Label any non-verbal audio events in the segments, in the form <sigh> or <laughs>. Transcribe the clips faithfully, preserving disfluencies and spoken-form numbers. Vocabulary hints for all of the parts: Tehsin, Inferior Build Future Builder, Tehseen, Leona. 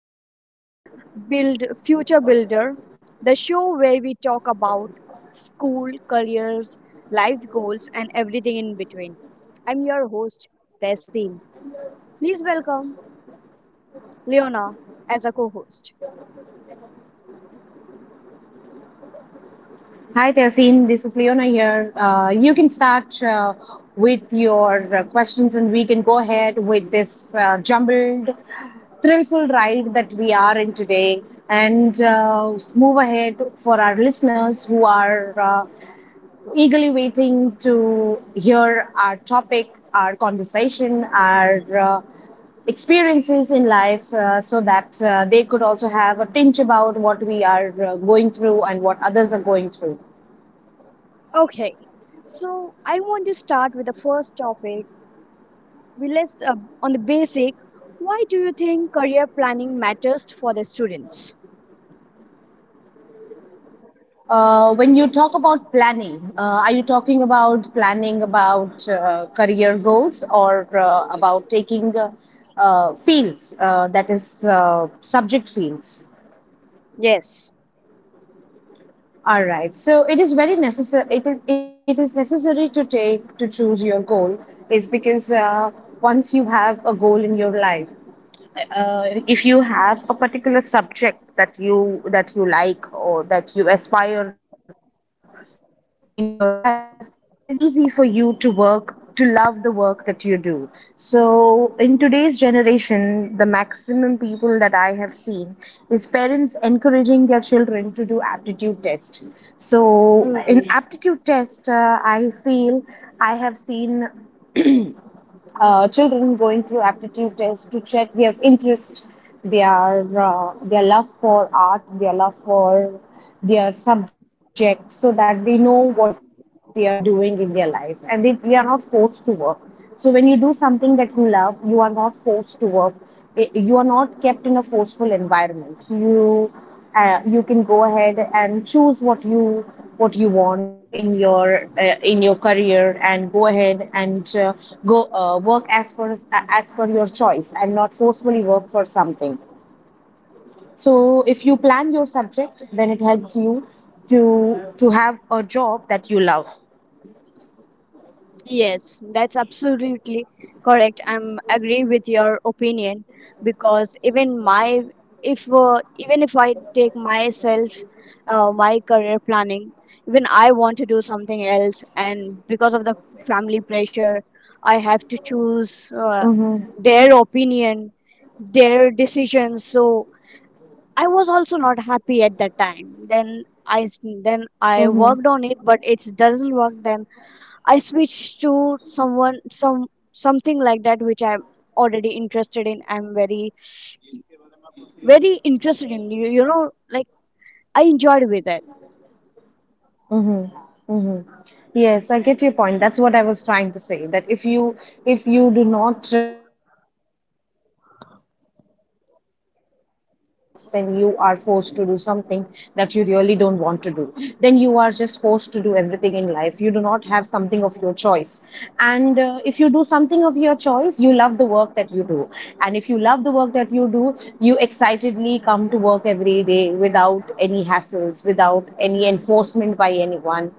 to Inferior Build Future Builder, the show where we talk about school, careers, life goals, and everything in between. I'm your host, Tehseen. Please welcome Leona as a co-host. Hi, Tehsin. This is Leona here. Uh, you can start uh, with your uh, questions, and we can go ahead with this uh, jumbled, thrillful ride that we are in today, and uh, move ahead for our listeners who are uh, eagerly waiting to hear our topic, our conversation, our uh, experiences in life uh, so that uh, they could also have a tinge about what we are uh, going through and what others are going through. Okay, so I want to start with the first topic. We let's uh, on the basic. Why do you think career planning matters for the students? Uh, when you talk about planning, uh, are you talking about planning about uh, career goals or uh, about taking uh, uh, fields, uh, that is, uh, subject fields? Yes. All right. So it is very necessary. It is it is necessary to take to choose your goal is because uh, once you have a goal in your life, uh, if you have a particular subject that you that you like or that you aspire in your life, then it becomes easy for you to work, to love the work that you do. So in today's generation, the maximum people that I have seen is parents encouraging their children to do aptitude test. So in aptitude test, uh, I feel I have seen uh, children going through aptitude tests to check their interest, their uh, their love for art, their love for their subject, so that they know what they are doing in their life, and they, they are not forced to work. So when you do something that you love, you are not forced to work. It- you are not kept in a forceful environment. You uh, you can go ahead and choose what you what you want in your uh, in your career and go ahead and uh, go uh, work as per uh, as per your choice and not forcefully work for something. So if you plan your subject, then it helps you to to have a job that you love. Yes, that's absolutely correct. I'm agree with your opinion because even my if uh, even if I take myself, uh, my career planning, even I want to do something else, and because of the family pressure, I have to choose uh, Mm-hmm. their opinion, their decisions. So I was also not happy at that time. Then I s- then I Mm-hmm. worked on it, but it doesn't work. Then I switch to someone some something like that which I'm already interested in. I'm very very interested in you. You know, like I enjoyed with it. Mm-hmm. Mm-hmm. Yes, I get your point. That's what I was trying to say, that if you if you do not uh, plan your subjects, if you do not choose your subjects, then you are forced to do something that you really don't want to do. Then you are just forced to do everything in life. You do not have something of your choice. And uh, if you do something of your choice, you love the work that you do. And if you love the work that you do, you excitedly come to work every day without any hassles, without any enforcement by anyone.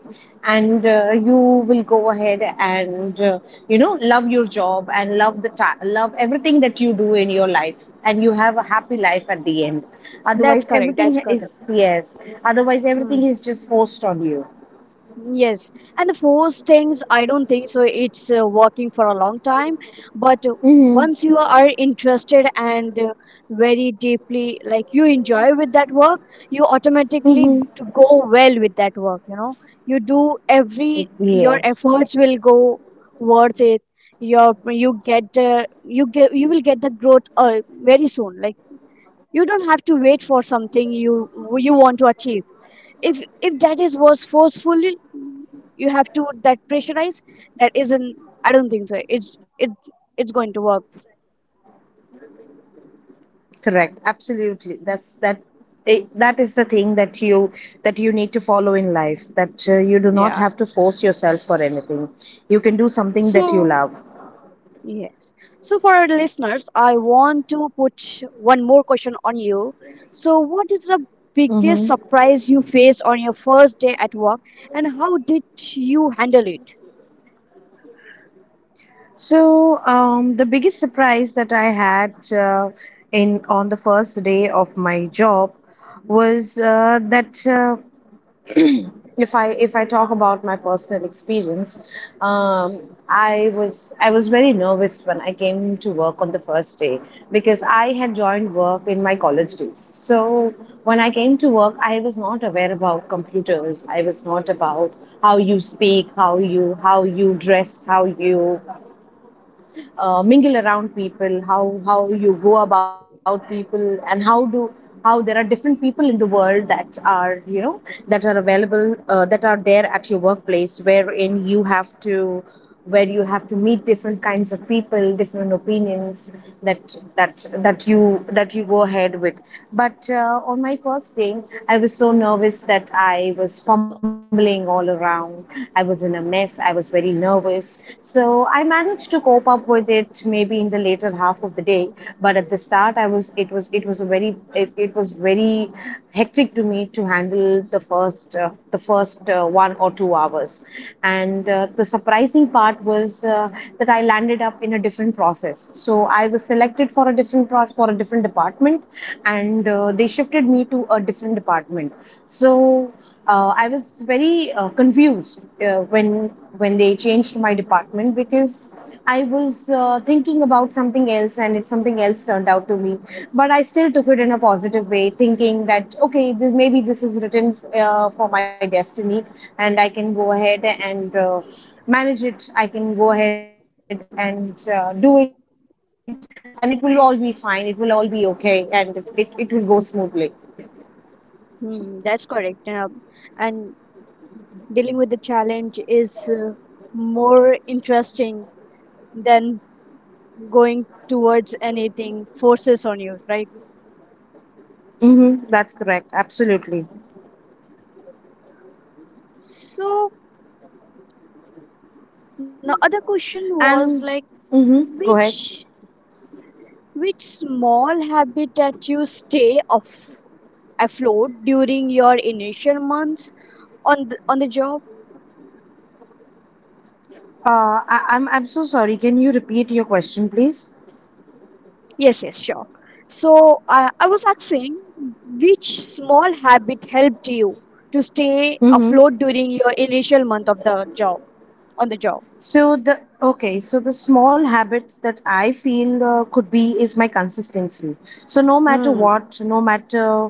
And uh, you will go ahead and, uh, you know, love your job and love the ta- love everything that you do in your life. And you have a happy life at the end. That's Otherwise, correct. That's everything correct. is, yes, otherwise, Hmm. everything is just forced on you. Yes, and the force things, I don't think so. It's uh, working for a long time, but uh, once you are interested and uh, very deeply, like you enjoy with that work, you automatically to go well with that work. You know, you do every your efforts will Yes. go worth it. Your you get uh, you get you will get the growth uh, very soon. Like you don't have to wait for something you you want to achieve if if that is was forceful you have to that pressurize that isn't i don't think so it's it it's going to work. Correct. Absolutely. That's that. It, that is the thing that you that you need to follow in life. That uh, you do not Yeah. have to force yourself for S- anything. You can do something that you so love. yes, so for our listeners I want to put one more question on you. So what is the biggest Mm-hmm. surprise you faced on your first day at work and how did you handle it? So um, the biggest surprise that I had uh, in on the first day of my job was uh, that. Uh, If I if I talk about my personal experience, um, I was I was very nervous when I came to work on the first day because I had joined work in my college days. So when I came to work, I was not aware about computers. I was not about how you speak, how you how you dress, how you uh, mingle around people, how how you go about people, and how do how there are different people in the world that are, you know, that are available uh, that are there at your workplace, wherein you have to where you have to meet different kinds of people, different opinions that that that you that you go ahead with. But uh, uh, on my first day, I was so nervous that I was fumbling all around. I was in a mess. I was very nervous. So I managed to cope up with it maybe in the later half of the day. But at the start, I was it was it was a very it, it was very hectic to me to handle the first uh, the first uh, one or two hours. And uh, the surprising part was uh, that I landed up in a different process. So I was selected for a different process for a different department, and uh, they shifted me to a different department. So uh, I was very uh, confused uh, when when they changed my department because I was uh, thinking about something else and it something else turned out to me. But I still took it in a positive way, thinking that okay, this, maybe this is written uh, for my destiny and I can go ahead and. Uh, manage it. I can go ahead and uh, do it, and it will all be fine, it will all be okay, and it, it will go smoothly. Hmm, that's correct. Uh, and dealing with the challenge is uh, more interesting than going towards anything forces on you, right? Mm-hmm. That's correct. Absolutely. So the other question was And like, mm-hmm. Go ahead. which which small habit that you stay of afloat during your initial months on the, on the job? Uh, I, I'm I'm so sorry. Can you repeat your question, please? Yes, yes, sure. So I I was asking which small habit helped you to stay Mm-hmm. afloat during your initial month of the job, on the job. So the okay. So the small habit that I feel uh, could be is my consistency. So no matter hmm what, no matter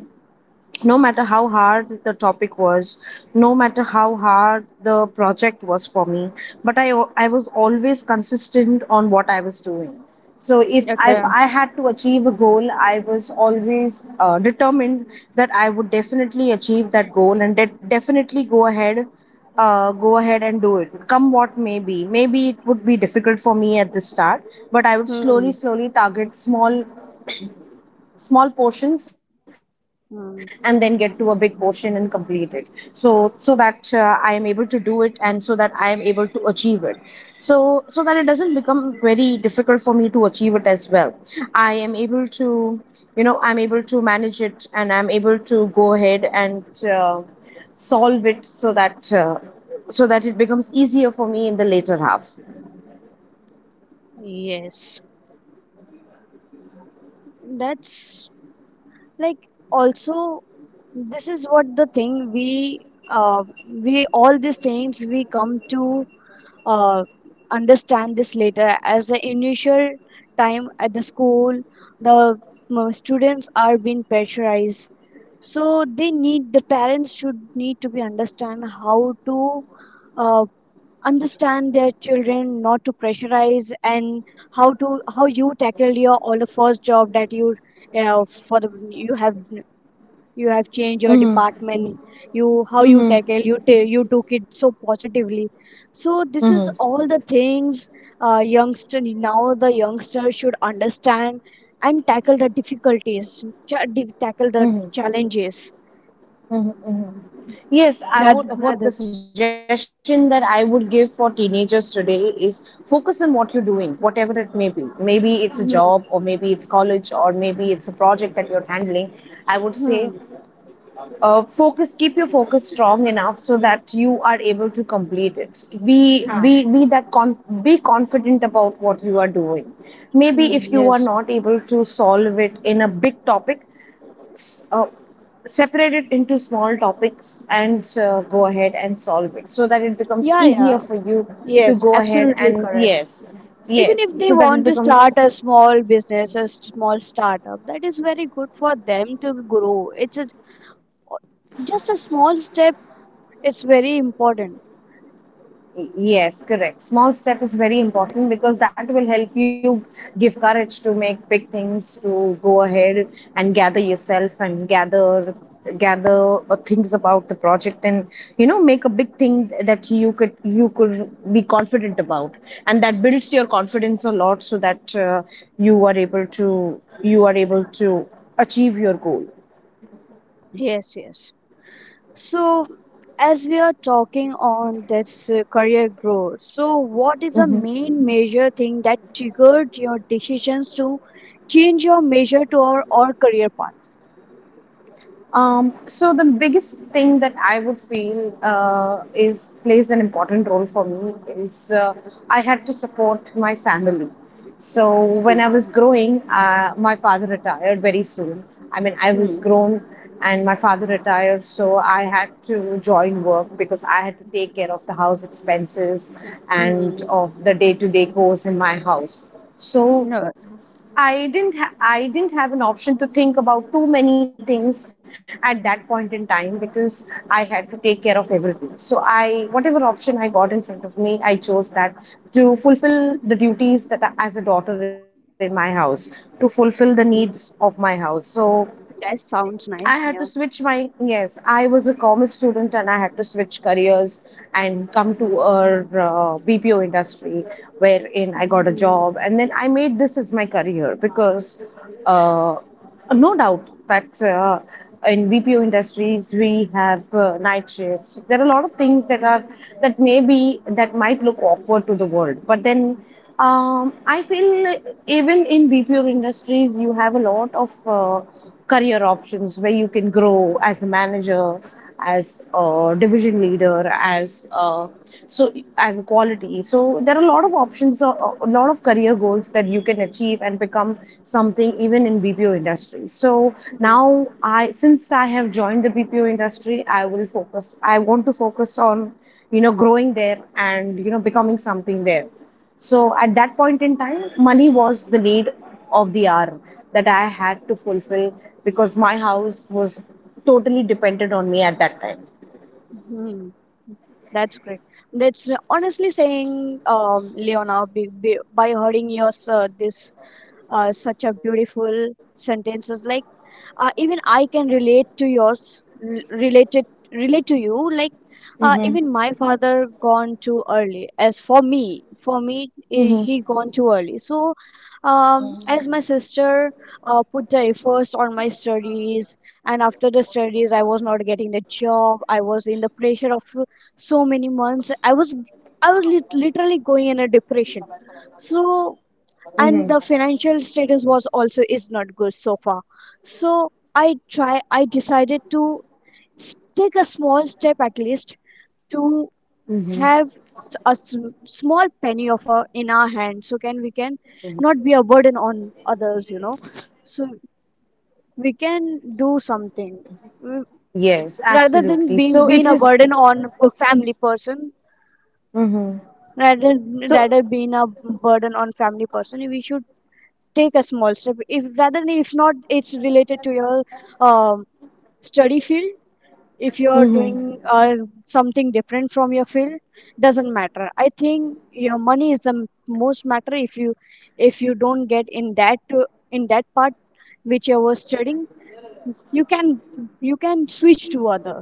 no matter how hard the topic was, no matter how hard the project was for me, but i i was always consistent on what I was doing. So if I okay. if i had to achieve a goal, I was always uh, determined that I would definitely achieve that goal and de- definitely go ahead uh, go ahead and do it, come what may. Be maybe it would be difficult for me at the start, but I would hmm, slowly slowly target small small portions and then get to a big hmm. portion and complete it. So so that uh, I am able to do it, and so that I am able to achieve it, so so that it doesn't become very difficult for me to achieve it as well. I am able to, you know, I'm able to manage it, and I'm able to go ahead and uh, solve it so that uh, so that it becomes easier for me in the later half. Yes. That's like also this is what the thing we uh, we all these things we come to uh, understand this later as the initial time at the school, the uh, students are being pressurized, so they need, the parents should need to be understand how to uh, understand their children not to pressurize, and how to how you tackle your all the first job that you, uh, for the you have, you have changed your Mm-hmm. department, you how you Mm-hmm. tackle you ta you took it so positively. So this is Mm-hmm. all the things, uh, youngster now the youngster should understand and tackle the difficulties, cha- di- tackle the Mm-hmm. challenges. Hmm. Hmm. Yes, I rather would. rather What the suggestion that I would give for teenagers today is focus on what you're doing, whatever it may be. Maybe it's a job, hmm, or maybe it's college, or maybe it's a project that you're handling. I would say, hmm, uh, focus. Keep your focus strong enough so that you are able to complete it. Be हाँ. be be that con. Be confident about what you are doing. Maybe if hmm, you are yes. not able to solve it in a big topic, uh, separate it into small topics and uh, go ahead and solve it so that it becomes Yeah, yeah. easier for you to Yes, go ahead, absolutely and correct. yes, Even yes, if they so that it want to becomes. start a small business, a small startup, that is very good for them to grow. It's a, just a small step, it's very important. Yes, correct. Small step is very important because that will help you give courage to make big things, to go ahead and gather yourself and gather gather uh, things about the project and, you know, make a big thing that you could you could be confident about, and that builds your confidence a lot so that uh, you are able to you are able to achieve your goal. Yes, yes. So, as we are talking on this uh, career growth, so what is the Mhm. main major thing that triggered your decisions to change your major to our, or career path? Um, so the biggest thing that I would feel uh, is plays an important role for me is uh, I had to support my family. So when Hmm. I was growing, uh, my father retired very soon. I mean, I was Hmm. grown and my father retired, so I had to join work because I had to take care of the house expenses and Hmm. of the day-to-day chores in my house. So No. I didn't ha- I didn't have an option to think about too many things at that point in time because I had to take care of everything. So I whatever option I got in front of me, I chose that to fulfill the duties that I, as a daughter in my house, to fulfill the needs of Hmm. my house. So That sounds I had to nice. switch my yes. I was a commerce student and I had to switch careers and come to a uh, B P O industry wherein I got a hmm job, and then I made this as my career. Because uh, no doubt that uh, in B P O industries we have uh, night shifts. There are a lot of things that are that maybe that might look awkward to the world, but then. Um, I feel even in B P O industries, you have a lot of uh, career options where you can grow as a manager, as a division leader, as a, so as a quality, so there are a lot of options or a lot of career goals that you can achieve and become something even in bpo industry. So now, I since I have joined the bpo industry, i will focus I want to focus on, you know growing there, and, you know becoming something there. So at that point in time, money was the need of the hour that I had to fulfill, because my house was totally dependent on me at that time. That's great. That's uh, Honestly saying, um, Leona, be, be, by hearing your uh, this, uh, such a beautiful sentences. Like, uh, even I can relate to yours r- related relate to you. Like, uh, Mm-hmm. even my father gone too early, as for me for me eh, Mm-hmm. he gone too early. So, um, as my sister uh, put the efforts on my studies, and after the studies I was not getting the job. I was in the pressure of so many months. I was i was lit- literally going in a depression. So, Mm-hmm. and the financial status was also is not good so far. So I try, I decided to s- take a small step at least to Mm-hmm. have s- a s- small penny of our in our hand, so can we can not be a burden on others, you know. So we can do something. Mm, Yes, rather than absolutely. being So being it a is. burden on a family person. Mm-hmm. rather So. rather being a burden on family person, we should take a small step. If rather than, if not it's related to your um, study field, if you're doing Mm-hmm. uh, something different from your field, doesn't matter. I think your money is the m- most matter. If you, if you don't get in that uh, in that part which you were studying, you can, you can switch to other.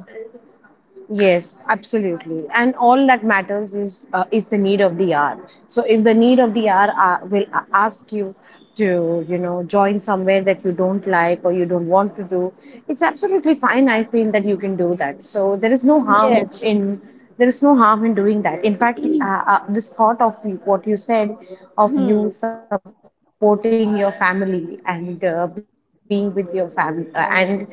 Yes, absolutely. And all that matters is uh, is the need of the hour. So if the need of the hour uh, will a- ask you to, you know, join somewhere that you don't like or you don't want to do, it's absolutely fine. I feel that you can do that. So there is no harm Yes. in there is no harm in doing that. In fact, uh, uh, this thought of you- what you said, of you hmm supporting your family and uh, being with your family, uh, and every penny counts,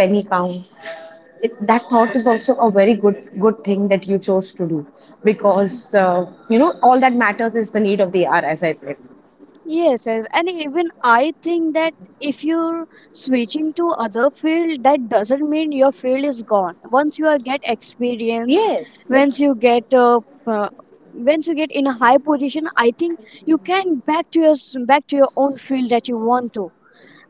it, that thought is also a very good good thing that you chose to do, because, uh, you know, all that matters is the need of the hour, as I said. Yes, yes, and even I think that if you're switching to other field, that doesn't mean your field is gone. Once you are get Yes, experienced, once you get uh, uh, once you get in a high position, I think you can back to your s- back to your own field that you want to,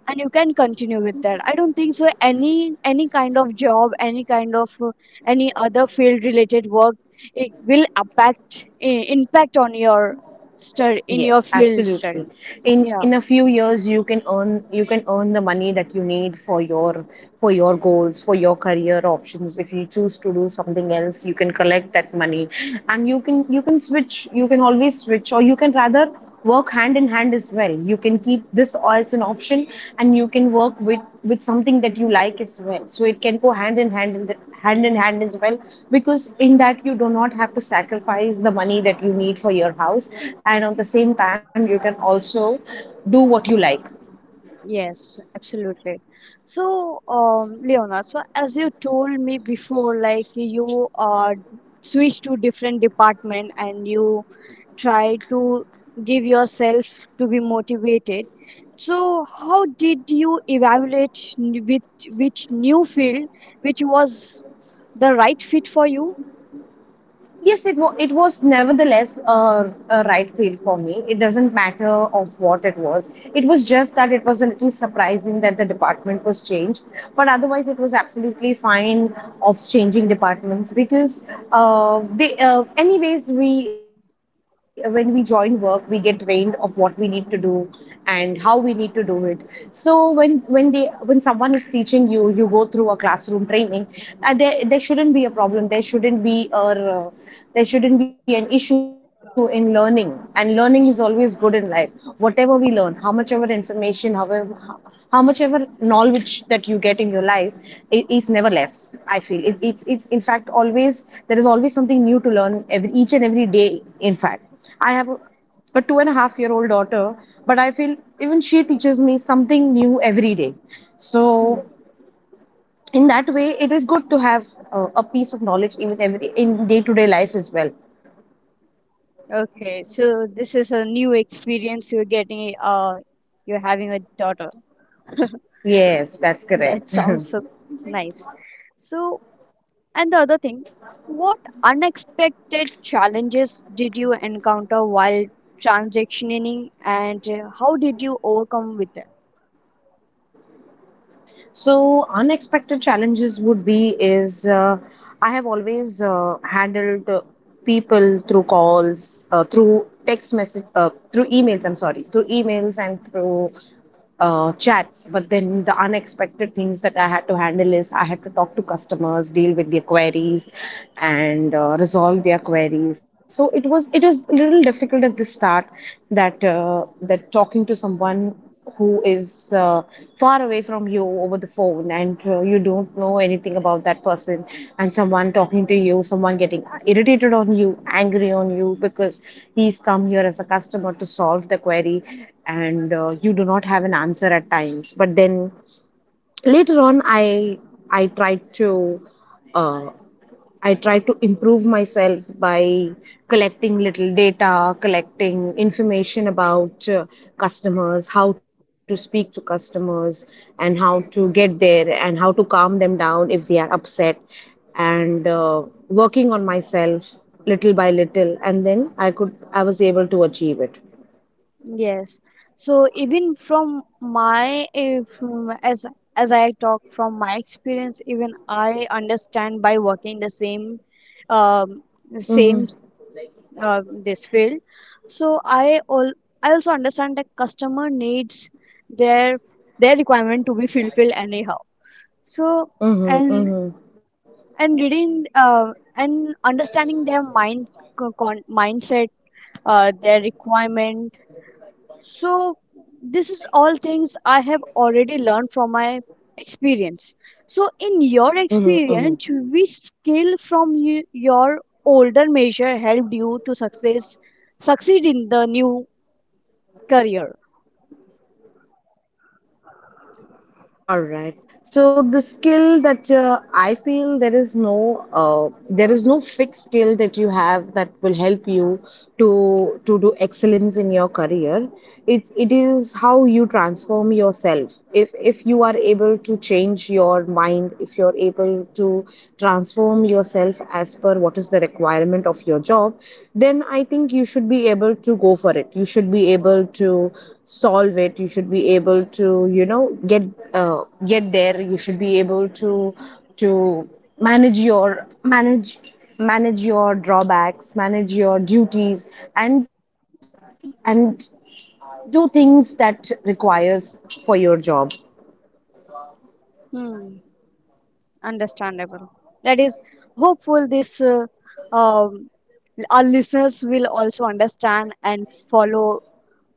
and you can continue with that. I don't think so any any kind of job, any kind of uh, any other field related work, it will impact, i- impact on your yes, study, in your absolutely. field in study. in a few Yeah. years you can earn, you can earn the money that you need for your for your goals, for your career options. If you choose to do something else, you can collect that money, and you can you can switch. You can always switch, or you can rather work hand in hand as well. You can keep this as an option, and you can work with with something that you like as well. So it can go hand in hand in the, hand in hand as well, because in that you do not have to sacrifice the money that you need for your house, and at the same time you can also do what you like. Yes, absolutely. So, um, Leona, so as you told me before, like you uh, switch to different department and you try to give yourself to be motivated. So, how did you evaluate n- with which new field, which was the right fit for you? Yes, it, wa it was nevertheless a, a right field for me. It doesn't matter of what it was. It was just that it was a little surprising that the department was changed. But otherwise, it was absolutely fine of changing departments, because uh, they, uh, anyways, we, when we join work, we get trained of what we need to do and how we need to do it. So when when they when someone is teaching you, you go through a classroom training. Uh, there there shouldn't be a problem. There shouldn't be a, uh, there shouldn't be an issue in learning, and learning is always good in life, whatever we learn. How much ever information, however how- much ever knowledge that you get in your life i- is never less. I feel it, it's it's in fact, always, there is always something new to learn every, each and every day. In fact, I have a, a two and a half year old daughter, but I feel even she teaches me something new every day. So Hmm. in that way it is good to have, uh, a piece of knowledge even every, in day to day life as well. Okay, so this is a new experience you're getting. Uh, you're having a daughter. Yes, that's That correct. <laughs> sounds so nice. So, and the other thing, what unexpected challenges did you encounter while transitioning and uh, how did you overcome with them? So unexpected challenges would be is, uh, I have always uh, handled uh, people through calls, uh, through text message, uh, through emails. I'm sorry, through emails and through uh, chats. But then the unexpected things that I had to handle is, I had to talk to customers, deal with their queries, and uh, resolve their queries. So it was it was a little difficult at the start, that, uh, that talking to someone who is, uh, far away from you over the phone, and, uh, you don't know anything about that person, and someone talking to you, someone getting irritated on you, angry on you, because he's come here as a customer to solve the query, and, uh, you do not have an answer at times. But then later on I, i tried to uh, I tried to improve myself by collecting little data, collecting information about, uh, customers, how to speak to customers, and how to get there, and how to calm them down if they are upset, and, uh, working on myself little by little, and then I could. I was able to achieve it. Yes. So even from my uh, from as as I talk from my experience, even I understand by working the same um, same Mm-hmm. uh, this field. So i all I also understand that customer needs their their requirement to be fulfilled anyhow. So, and Mm-hmm. and reading uh, and understanding their mind, co- con- mindset, uh, their requirement. So this is all things I have already learned from my experience. So in your experience, which Mm-hmm, mm-hmm. skill from y- your older measure helped you to success succeed in the new career? All right. So the skill that, uh, I feel, there is no, uh, there is no fixed skill that you have that will help you to to do excellence in your career. It's, it is how you transform yourself. If if you are able to change your mind, if you're able to transform yourself as per what is the requirement of your job, then I think you should be able to go for it. You should be able to solve it. You should be able to, you know, get, uh, get there. You should be able to to manage your, manage manage your drawbacks, manage your duties, and and do things that requires for your job. Hmm, understandable. That is hopeful this uh, um, our listeners will also understand and follow,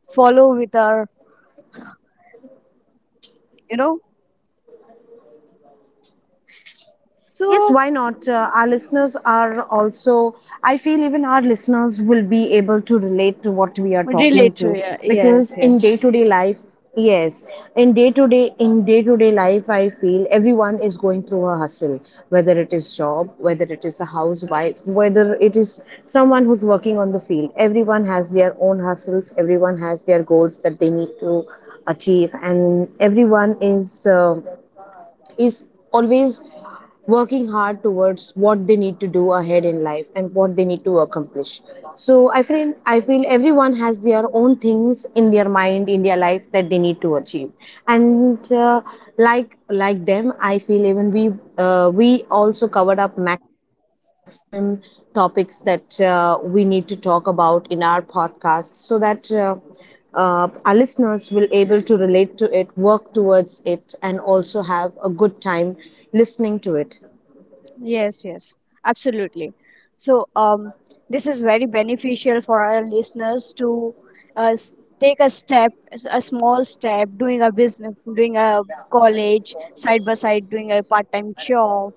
follow with our, you know. Yes, So why not? Uh, our listeners are also, I feel even our listeners will be able to relate to what we are talking relate to, to it. because Yes, in day to yes. day life, yes, in day to day, in day to day life, I feel everyone is going through a hustle, whether it is job, whether it is a housewife, whether it is someone who's working on the field. Everyone has their own hustles, everyone has their goals that they need to achieve, and everyone is. Uh, is always working hard towards what they need to do ahead in life and what they need to accomplish. So I feel, i feel everyone has their own things in their mind, in their life, that they need to achieve. And, uh, like, like them, I feel even we, uh, we also covered up maximum topics that, uh, we need to talk about in our podcast, so that uh, uh, our listeners will able to relate to it, work towards it, and also have a good time listening to it. Yes, yes, absolutely. So, um, this is very beneficial for our listeners to uh, s- take a step, a small step, doing a business, doing a college, side by side, doing a part-time job,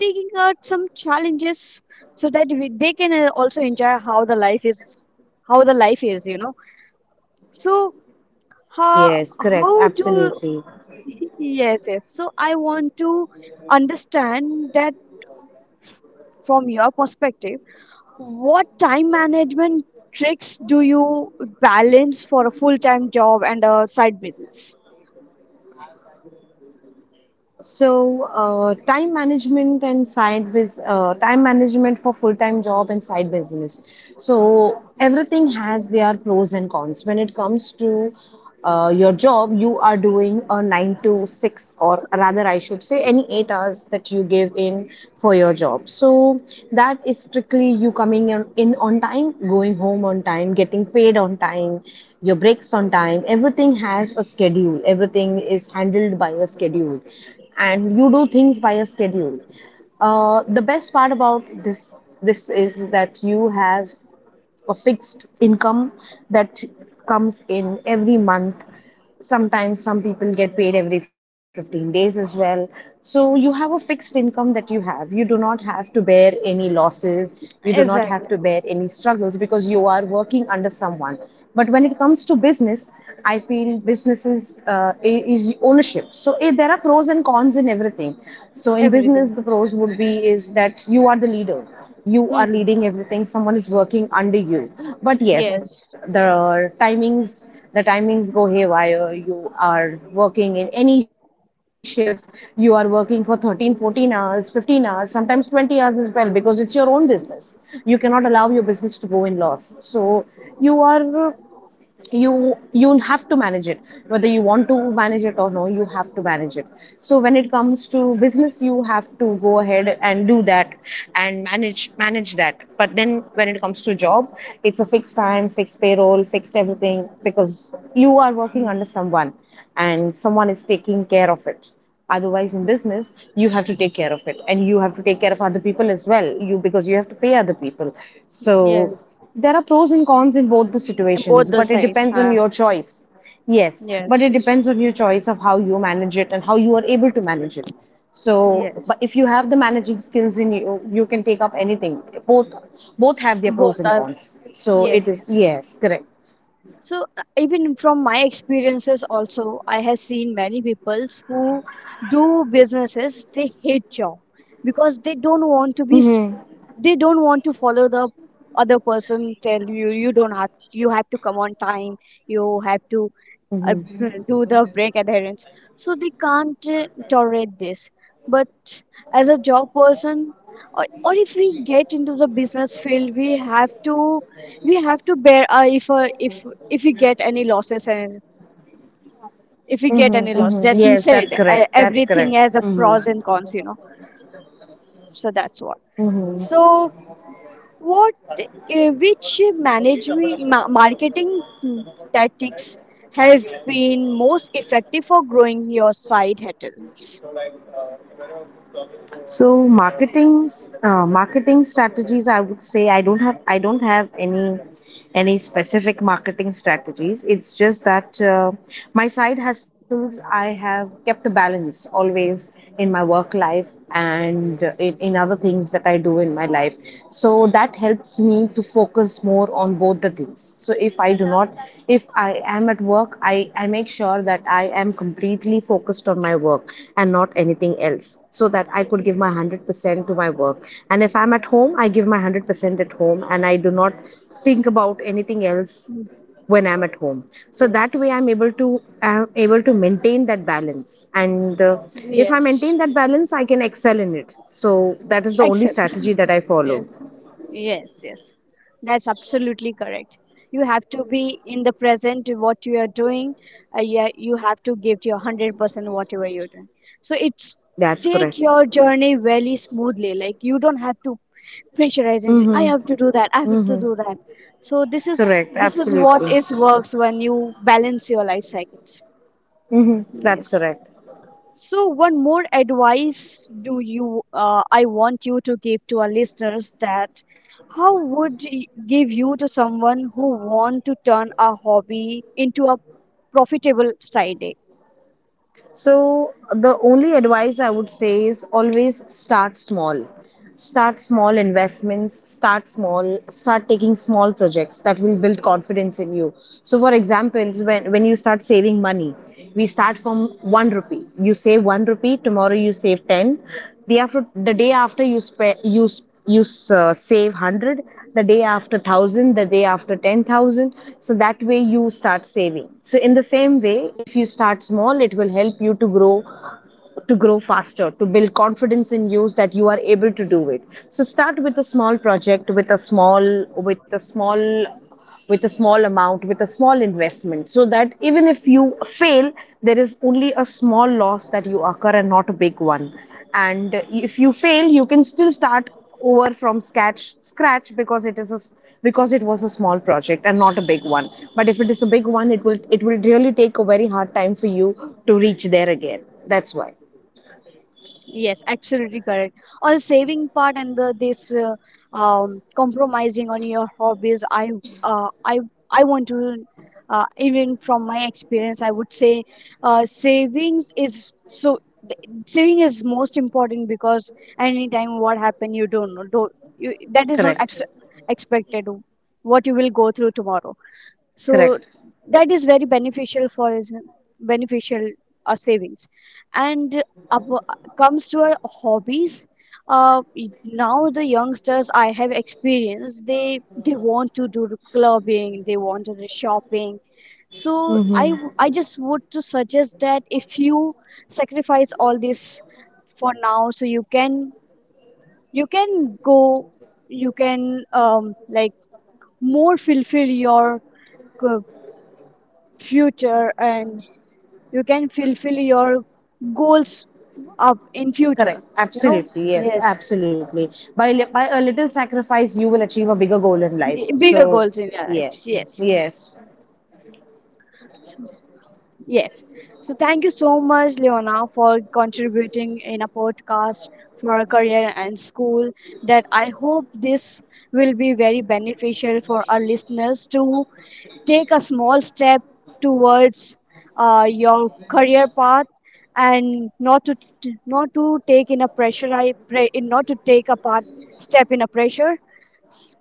taking out some challenges so that we, they can uh, also enjoy how the life is, how the life is, you know. So, how Yes, correct, how do? absolutely. <laughs> Yes, yes. So, I want to understand that from your perspective, what time management tricks do you balance for a full-time job and a side business? So, uh, time management and side biz uh, time management for full time job and side business. So everything has their pros and cons when it comes to, uh, your job. You are doing a nine to six, or rather I should say any eight hours that you give in for your job. So that is strictly you coming in in on time, going home on time, getting paid on time, your breaks on time. Everything has a schedule. Everything is handled by a schedule, and you do things by a schedule. Uh, the best part about this this is that you have a fixed income that comes in every month. Sometimes some people get paid every fifteen days as well, so you have a fixed income that you have. You do not have to bear any losses, you do not Exactly. have to bear any struggles, because you are working under someone. But when it comes to business, I feel businesses, uh, is ownership. So, eh, there are pros and cons in everything. Everything. So in business, the pros would be is that you are the leader. hmm You are leading everything, someone is working under you. Yes. But yes, the timings, the timings go haywire. You are working in any shift. You are working for thirteen fourteen hours, fifteen hours, sometimes twenty hours as well, because it's your own business. You cannot allow your business to go in loss. So you are, you you'll have to manage it, whether you want to manage it or no, you have to manage it. So when it comes to business, you have to go ahead and do that, and manage manage that. But then when it comes to job, it's a fixed time, fixed payroll, fixed everything, because you are working under someone, and someone is taking care of it. Otherwise, in business, you have to take care of it, and you have to take care of other people as well. You, because you have to pay other people. So Yes. there are pros and cons in both the Both situations, the but it sides. depends on Huh? your choice. Yes, but Yes. it depends on your choice of how you manage it and how you are able to manage it. So, Yes. but if you have the managing skills in you, you can take up anything. Both, both have their pros Both and are. cons. So it Yes. is, Yes. yes, correct. So uh, even from my experiences also, I have seen many peoples who do businesses, they hate job because they don't want to be, Mm-hmm. s- they don't want to follow the other person tell you, you don't have, you have to come on time, you have to uh, Mm-hmm. do the break adherence. So they can't uh, tolerate this. But as a job person, or, or if we get into the business field, we have to, we have to bear, uh, if uh, if if we get any losses, and if we get any Mm-hmm, loss, mm-hmm. that's, you Yes, that's said uh, correct. That's everything correct. has a Mm-hmm. pros and cons, you know. So that's what. Mm-hmm. So what, uh, which management ma- marketing tactics have been most effective for growing your side hotels? So, marketing, uh, marketing strategies, I would say I don't have, I don't have any any specific marketing strategies. It's just that, uh, my side hustles, I have kept a balance always in my work life and in, in other things that I do in my life. So that that helps me to focus more on both the things. So if I do not, if I am at work, i I make sure that I am completely focused on my work and not anything else, so that I could give my a hundred percent to my work. And if I'm at home, I give my a hundred percent at home, and I do not think about anything else when I'm at home. Yeah. So that way I'm able to, i'm able to maintain that balance. And, uh, if I Yes. maintain that balance, I can excel in it. So that is the only Excellent. strategy that <laughs> I Yeah. follow. Yes, yes. That's absolutely correct. You have to be in the present to what you are doing. Uh, yeah, you have to give your one hundred percent whatever you're doing. So it's That's take correct. your journey very smoothly. Like you don't have to pressurize and say, I have to Mm-hmm. do that. I have to Mm-hmm. do that. So this is Correct. this is what Absolutely. is works when you balance your life cycles. Mm-hmm. That's Yes. correct. So, one more advice do you uh, I want you to give to our listeners that how would y- give you to someone who want to turn a hobby into a profitable side. So, the only advice I would say is, always start small. Start small investments, start small, start taking small projects that will build confidence in you. So, for example, when, when you start saving money, we start from one rupee. You save one rupee, tomorrow you save ten, the after, the day after you spe- you you uh, save a hundred, the day after a thousand, the day after ten thousand. So that way you start saving. So in the same way, if you start small, it will help you to grow, to grow faster, to build confidence in you that you are able to do it. So start with a small project, with a small, with a small with a small amount, with a small investment, so that even if you fail, there is only a small loss that you occur and not a big one. And if you fail, you can still start over from scratch, scratch because it is a, because it was a small project and not a big one. But if it is a big one, it will, it will really take a very hard time for you to reach there again. That's why. Yes, absolutely correct. On the saving part and the this uh, um, compromising on your hobbies, I uh, I I want to uh, even from my experience, I would say uh, savings is so, saving is most important because anytime what happen you don't know, don't, you, that is not ex- Correct. expected what you will go through tomorrow. So Correct. that is very beneficial for us- beneficial uh, savings. And comes to our hobbies, uh, now the youngsters I have experienced, they they want to do clubbing, they want to do shopping. So I Hmm. I just would to suggest that if you sacrifice all this for now, so you can, you can go, you can um, like more fulfill your uh, future, and you can fulfill your goals up in Correct. future. You know, Absolutely. Yes, yes. absolutely. By, li- by a little sacrifice, you will achieve a bigger goal in life. Bigger So, goals in your life. yes, Yes. yes. Yes. So thank you so much, Leona, for contributing in a podcast for a career and school. That I hope this will be very beneficial for our listeners to take a small step towards uh, your career path, and not to, not to take in a pressure. I pray not to take a part step in a pressure. S-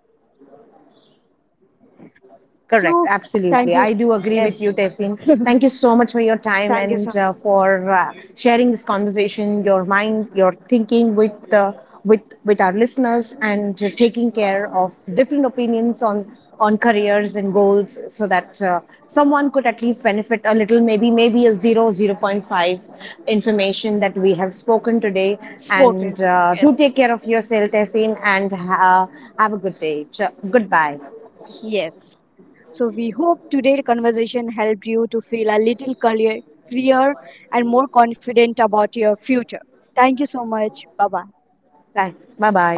Correct, So thank absolutely. you. I do agree with Yes, you, Tehsin. Thank you so much for your time thank you so. and, uh, for, uh, sharing this conversation, your mind, your thinking with, uh, with with our listeners, and, uh, taking care of different opinions on on careers and goals, so that, uh, someone could at least benefit a little, maybe, maybe a zero zero point five information that we have spoken today. Spoken And, insurance. uh, do Yes. take care of yourself, Tehsin, and, uh, have a good day. Ch- goodbye. Yes. So we hope today's conversation helped you to feel a little clear, clear and more confident about your future. Thank you so much. Bye bye. Rồi, bye bye.